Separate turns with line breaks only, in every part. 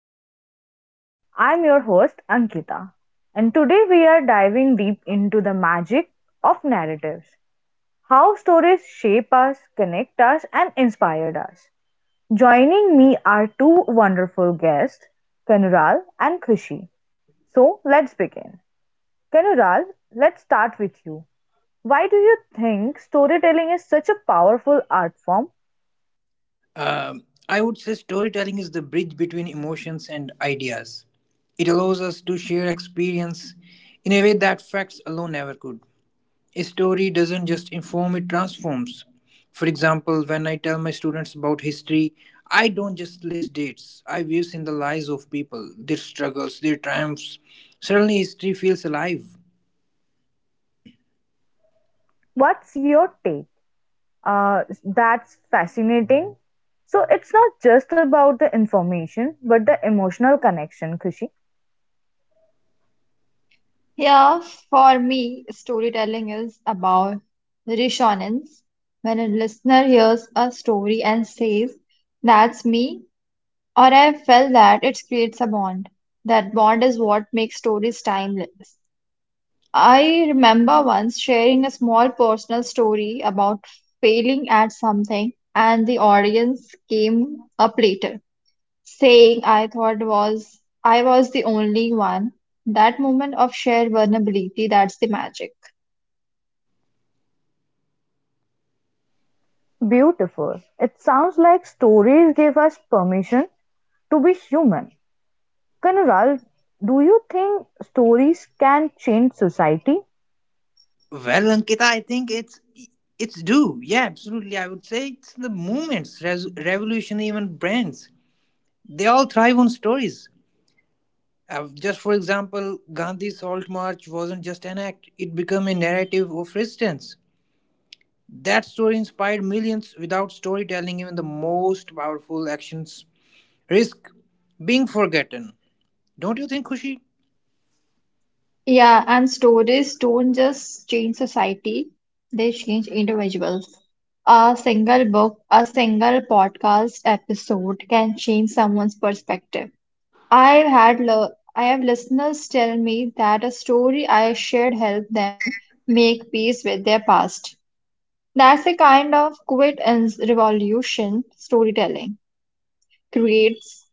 Storytelling. I'm your host Ankita, and today we are diving deep into the magic of narratives, how stories shape us, connect us, and inspire us. Joining me are two wonderful guests, Kanural and Khushi. So let's begin. Kanural, let's start with you. Why do you think storytelling is such a powerful art form?
I would say storytelling is the bridge between emotions and ideas. It allows us to share experience in a way that facts alone never could. A story doesn't just inform, it transforms. For example, when I tell my students about history, I don't just list dates, I weave in the lives of people, their struggles, their triumphs. Suddenly, history feels alive.
What's your take? That's fascinating. So it's not just about the information, but the emotional connection, Kushi.
Yeah, for me, storytelling is about resonance. When a listener hears a story and says, "That's me," or "I felt that," it creates a bond. That bond is what makes stories timeless. I remember once sharing a small personal story about failing at something, and the audience came up later saying I thought was I was the only one. That moment of shared vulnerability, that's the magic.
Beautiful. It sounds like stories gave us permission to be human. Kanural, do you think stories can change society?
Well, Ankita, I think it's due. Yeah, absolutely. I would say it's the movements, revolution, even brands. They all thrive on stories. Just for example, Gandhi's Salt March wasn't just an act, it became a narrative of resistance. That story inspired millions. Without storytelling, even the most powerful actions risk being forgotten. Don't you think, Kushi?
Yeah, and stories don't just change society, they change individuals. A single book, a single podcast episode can change someone's perspective. I have listeners tell me that a story I shared helped them make peace with their past. That's a kind of quit and revolution storytelling creates.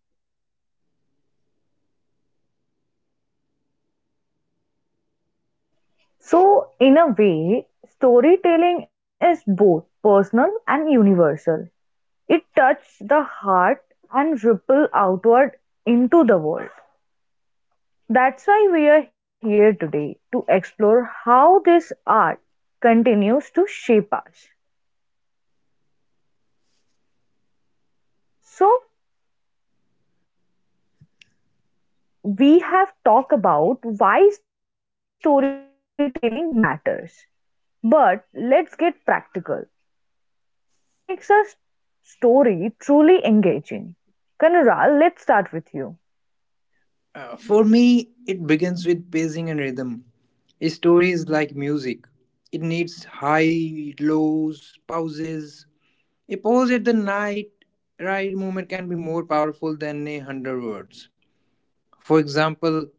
So, in a way, storytelling is both personal and universal. It touches the heart and ripple outward into the world. That's why we are here today to explore how this art continues to shape us. So, we have talked about why storytelling matters, but let's get practical. What makes a story truly engaging? Kanural, let's start with you.
For me, it begins with pacing and rhythm. A story is like music. It needs high, lows, pauses. A pause at the night right moment can be more powerful than a hundred words. For example,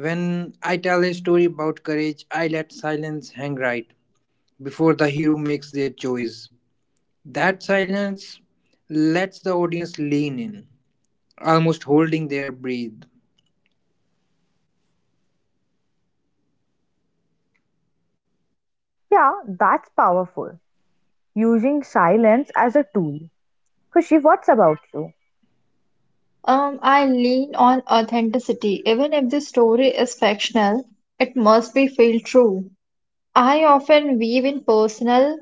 when I tell a story about courage, I let silence hang right before the hero makes their choice. That silence lets the audience lean in, almost holding their breath.
Yeah, that's powerful. Using silence as a tool. Kushi, what's about you?
I lean on authenticity. Even if the story is fictional, it must be feel true. I often weave in personal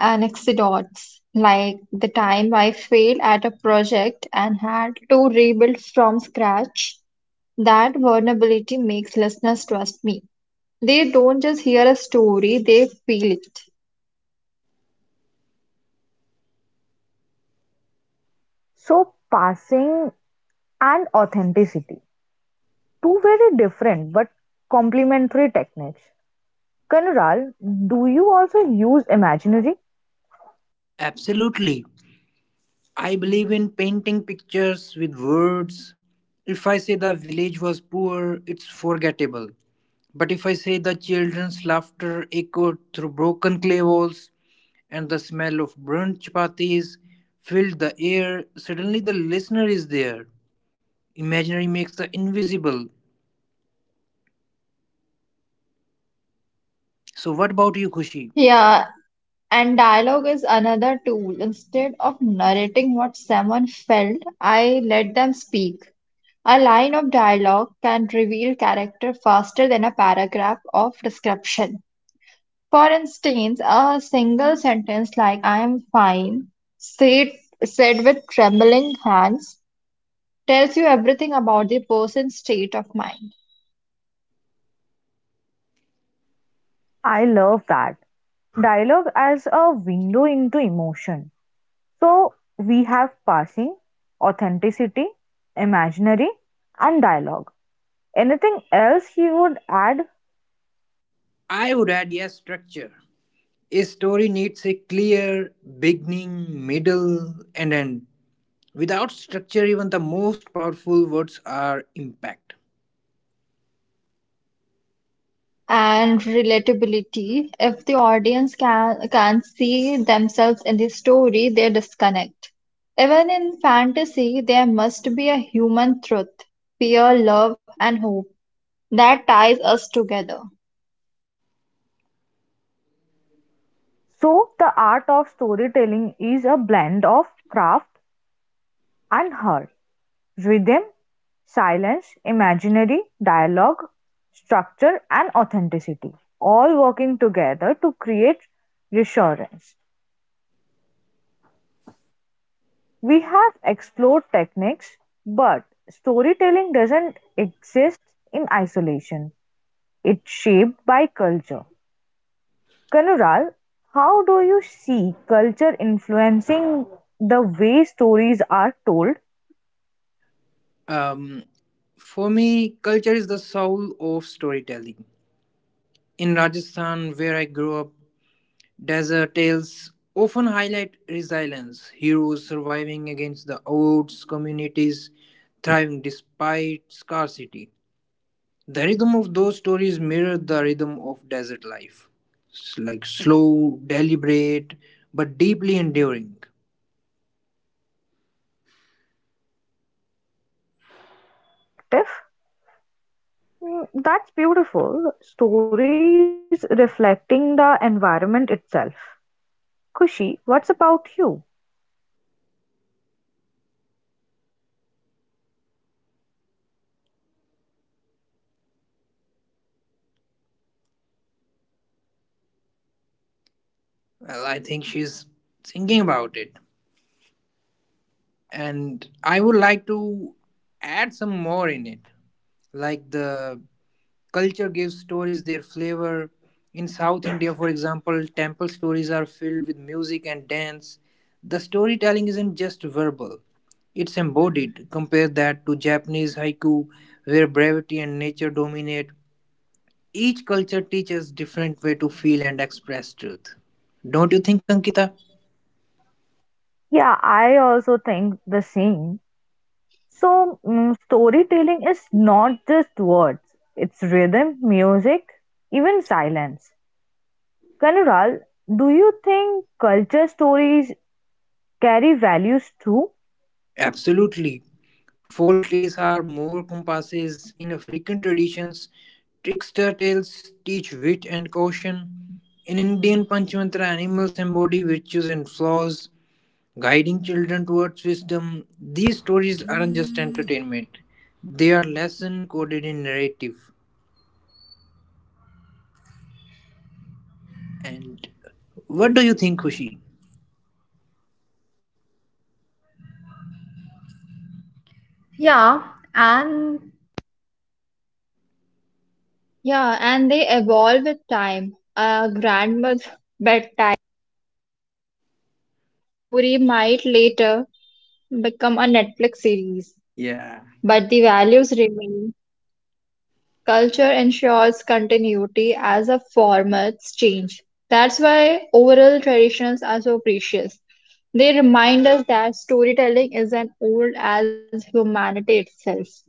anecdotes, like the time I failed at a project and had to rebuild from scratch. That vulnerability makes listeners trust me. They don't just hear a story, they feel it.
So, passing and authenticity. Two very different but complementary techniques. Kanural, do you also use imaginary?
Absolutely. I believe in painting pictures with words. If I say the village was poor, it's forgettable. But if I say the children's laughter echoed through broken clay walls and the smell of burnt chapatis filled the air, suddenly the listener is there. Imaginary makes the invisible. So, what about you, Khushi?
Yeah, and dialogue is another tool. Instead of narrating what someone felt, I let them speak. A line of dialogue can reveal character faster than a paragraph of description. For instance, a single sentence like "I am fine," said, said with trembling hands, tells you everything about the person's state of mind.
I love that. Dialogue as a window into emotion. So we have passing, authenticity, imaginary, and dialogue. Anything else you would add?
I would add yes, structure. A story needs a clear beginning, middle, and end. Without structure, even the most powerful words are impact.
And relatability. If the audience can see themselves in the story, they disconnect. Even in fantasy, there must be a human truth, fear, love, and hope that ties us together.
So the art of storytelling is a blend of craft and heart. Rhythm, silence, imaginary, dialogue, structure and authenticity, all working together to create reassurance. We have explored techniques, but storytelling doesn't exist in isolation. It's shaped by culture. Kanural, how do you see culture influencing the way stories are told?
Um, for me, culture is the soul of storytelling. In Rajasthan, where I grew up, desert tales often highlight resilience, heroes surviving against the odds, communities thriving despite scarcity. The rhythm of those stories mirror the rhythm of desert life. It's like slow, deliberate, but deeply enduring.
Perspective. Mm, that's beautiful. Stories reflecting the environment itself. Kushi, what's about you?
Well, I think she's thinking about it. And I would like to add some more in it. Like, the culture gives stories their flavor. In South India, for example, temple stories are filled with music and dance. The storytelling isn't just verbal, it's embodied. Compare that to Japanese haiku, where brevity and nature dominate. Each culture teaches different way to feel and express truth. Don't you think, Ankita?
Yeah, I also think the same. So, mm, storytelling is not just words, it's rhythm, music, even silence. Kanural, do you think culture stories carry values too?
Absolutely. Folk tales are more compasses in African traditions. Trickster tales teach wit and caution. In Indian Panchmantra, animals embody virtues and flaws, guiding children towards wisdom. These stories aren't just entertainment, they are lesson coded in narrative. And what do you think, Kushi?
Yeah, and they evolve with time. A grandma's bedtime, a story might later become a Netflix series,
Yeah.
but the values remain. Culture ensures continuity as a formats change. That's why oral traditions are so precious. They remind us that storytelling is as old as humanity itself.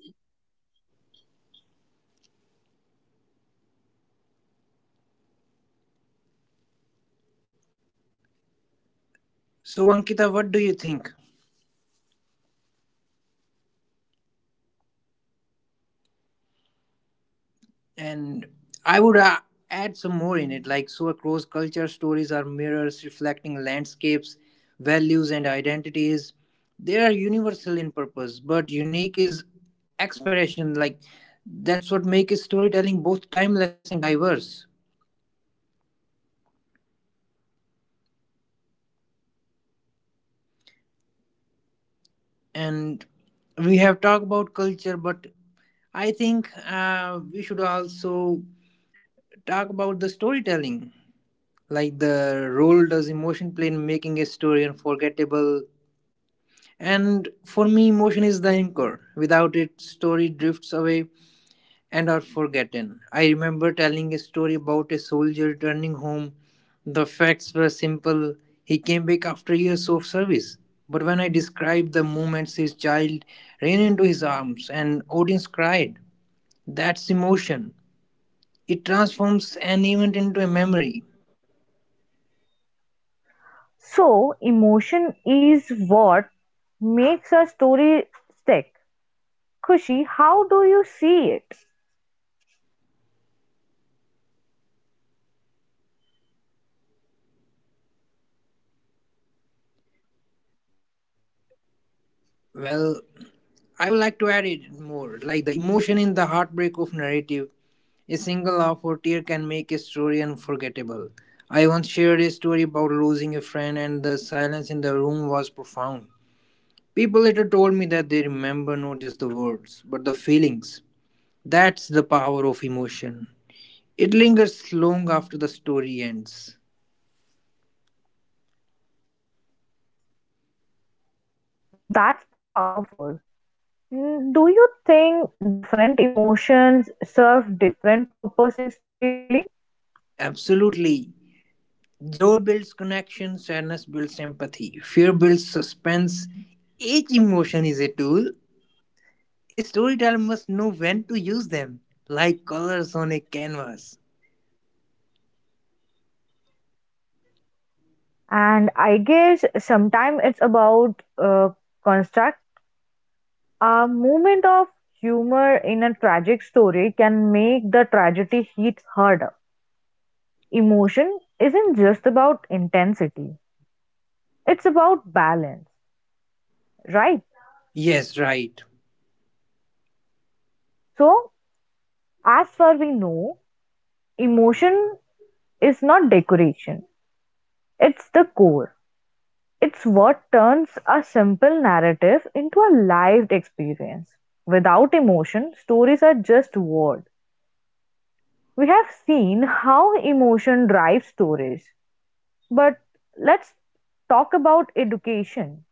So, Ankita, what do you think? And I would add some more in it. Like, so across culture, stories are mirrors reflecting landscapes, values, and identities. They are universal in purpose, but unique is expression. Like, that's what makes storytelling both timeless and diverse. And we have talked about culture, but I think we should also talk about the storytelling. Like, the role does emotion play in making a story unforgettable? And for me, emotion is the anchor. Without it, story drifts away and are forgotten. I remember telling a story about a soldier returning home. The facts were simple. He came back after years of service. But when I described the moments his child ran into his arms and audience cried, that's emotion. It transforms an event into a memory.
So, emotion is what makes a story stick. Kushi, how do you see it?
Well, I would like to add it more, like the emotion in the heartbreak of narrative. A single laugh or tear can make a story unforgettable. I once shared a story about losing a friend, and the silence in the room was profound. People later told me that they remember
Yes.
not just the words, but the feelings. That's the power of emotion. It lingers long after the story ends.
That's powerful. Mm, do you think different emotions serve different purpose in storytelling?
Absolutely. Joy builds connection, sadness builds empathy, fear builds suspense. Each emotion is a tool. A storyteller must know when to use them, like colors on a canvas.
Yeah, and sometimes
And
it's
I guess
about
sometimes it's
contrast.
about construct. A moment of
Yeah,
humor in a tragic story can make the tragedy hit harder. Emotion isn't just about intensity, it's about balance, right?
Yes, right.
So, as far we know, emotion is not decoration, it's the core. It's what turns a simple narrative into a lived experience. Without emotion, stories are just words. We have seen how emotion drives stories, but let's talk about education.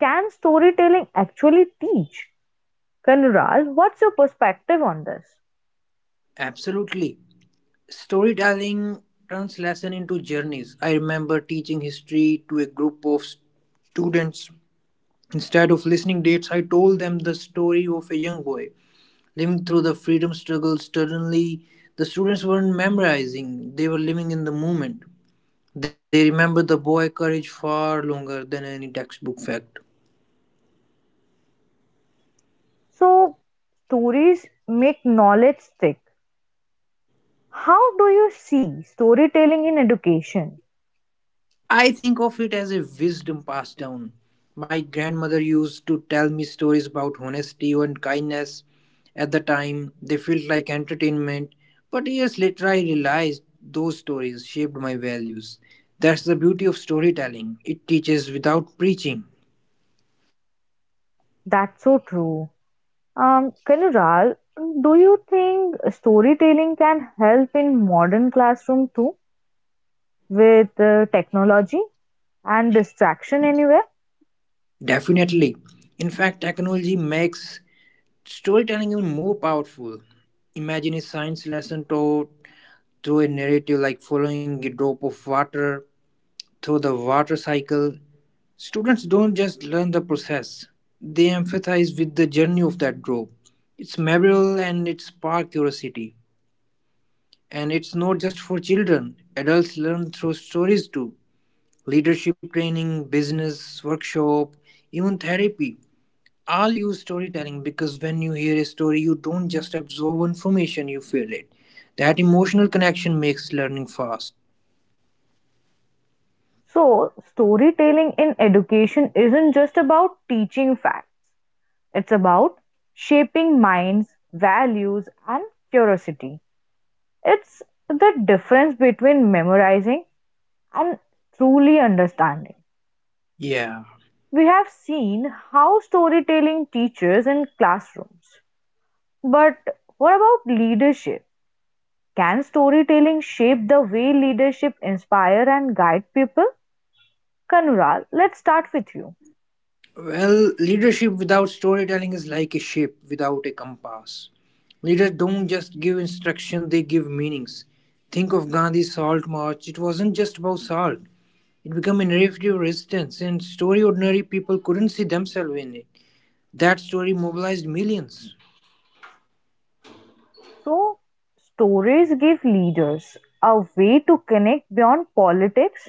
Can storytelling actually teach? Kanural, what's your perspective on this?
Absolutely. Storytelling turns lesson into journeys. I remember teaching history to a group of students. Instead of listening dates, I told them the story of a young boy living through the freedom struggle. Suddenly, the students weren't memorizing, they were living in the moment. They remembered the boy courage far longer than any textbook fact.
So, stories make knowledge stick. How do you see storytelling in education?
I think of it as a wisdom passed down. My grandmother used to tell me stories about honesty and kindness. At the time, they felt like entertainment, but years later, I realized those stories shaped my values. That's the beauty of storytelling, it teaches without preaching.
That's so true. Kanural, do you think storytelling can help in modern classroom too with technology and distraction anywhere?
Definitely. In fact, technology makes storytelling even more powerful. Imagine a science lesson taught through a narrative like following a drop of water through the water cycle, students don't just learn the process, they empathize with the journey of that drop. It's memorable and it sparks curiosity. And it's not just for children,
and it's
adults learn through stories too. Leadership training, business, workshop, even therapy. All use storytelling because when you hear a story, you don't just absorb information, you feel it. That emotional connection makes learning fast.
So, storytelling in education isn't just about teaching facts, it's about shaping minds, values, and curiosity. It's the difference between memorizing and truly understanding.
Yeah.
We have seen how storytelling teaches in classrooms, but what about leadership? Can storytelling shape the way leadership inspire and guide people? Kanral, let's start with you.
Well, leadership without storytelling is like a ship without a compass. Leaders don't just give instruction, they give meanings. Think of Gandhi's salt march, it wasn't just about salt. It became a narrative resistance, and story ordinary people couldn't see themselves in it. That story mobilized millions.
So, stories give leaders a way to connect beyond politics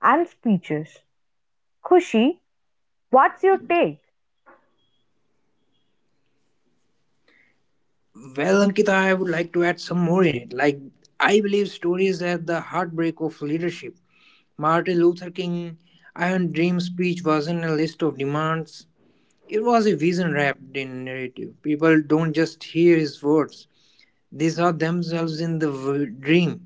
and speeches. Khushi, what's your take?
Well, Ankita, I would like to add some more in it. Like, I believe stories are the heartbreak of leadership. Martin Luther King Iron Dream speech wasn't a list of demands. It was a vision wrapped in narrative. People don't just hear his words, they saw themselves in the dream.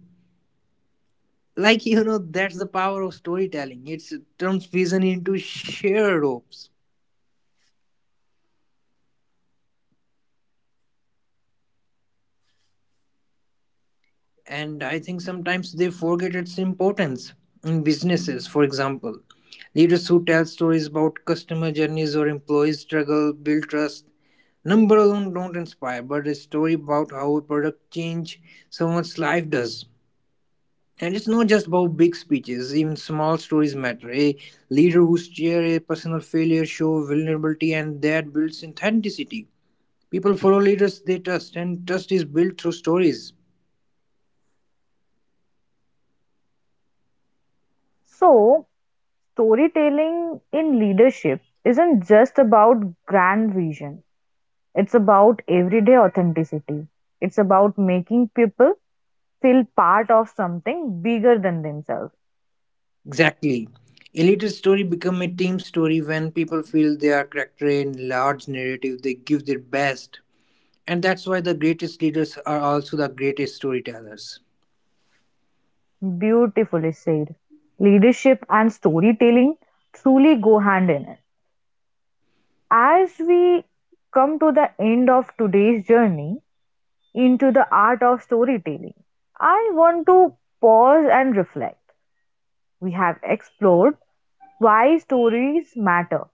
That's the power of storytelling. It turns vision into shared hopes. And I think sometimes they forget its importance in businesses, for example. Leaders who tell stories about customer journeys or employee struggle build trust. Number alone don't inspire, but a story about how a product change someone's life does. And it's not just about big speeches, even small stories matter. A leader who shares a personal failure shows vulnerability and that builds authenticity. People follow leaders they trust, and trust is built through stories.
So, storytelling in leadership isn't just about grand vision. It's about everyday authenticity. It's about making people feel part of something bigger than themselves.
Exactly. A leader's story becomes a team story when people feel they are character in large narrative, they give their best. And that's why the greatest leaders are also the greatest storytellers.
Beautifully said. Leadership and storytelling truly go hand in hand. As we come to the end of today's journey into the art of storytelling, I want to pause and reflect. We have explored why stories matter,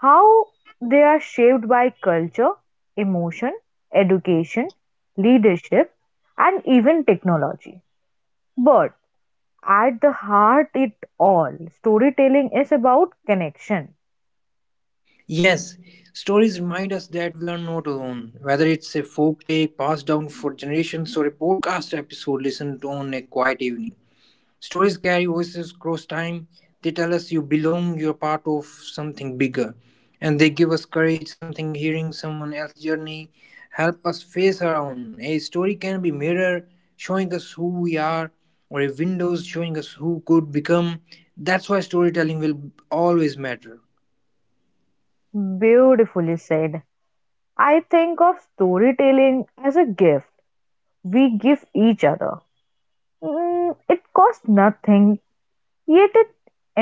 how they are shaped by culture, emotion, education, leadership, and even technology. But at the heart it all storytelling is about connection.
Yes, stories remind us that we are not alone. Whether it's a folk tale passed down for generations or a podcast episode listened to on a quiet evening, stories carry voices across time. They tell us you belong, you're part of something bigger. And they give us courage, something hearing someone else's journey, help us face our own. A story can be mirror showing us who we are, or a windows showing us who could become. That's why storytelling will always matter.
Beautifully said. I think of storytelling as a gift we give each other. Mm, it costs nothing yet it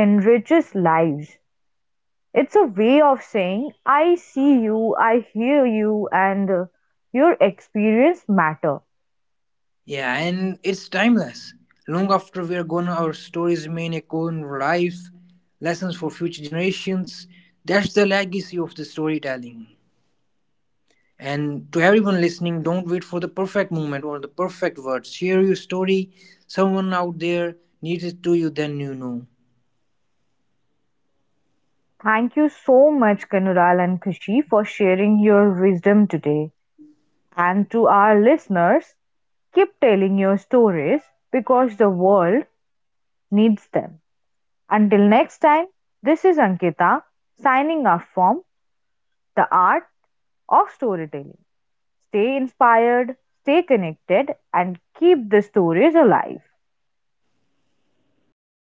enriches lives. It's a way of saying I see you, I hear you, and your experience matter.
Yeah, and it's timeless. Long after we are gone, our stories remain echo in life, lessons for future generations. That's the legacy of the storytelling. And to everyone listening, don't wait for the perfect moment or the perfect words. Share your story. Someone out there needs it to you, then you know.
Thank you so much Kanural and Kushi for sharing your wisdom today. And to our listeners, keep telling your stories because the world needs them. Until next time, this is Ankita signing off from The Art of Storytelling. Stay inspired, stay connected, and keep the stories alive.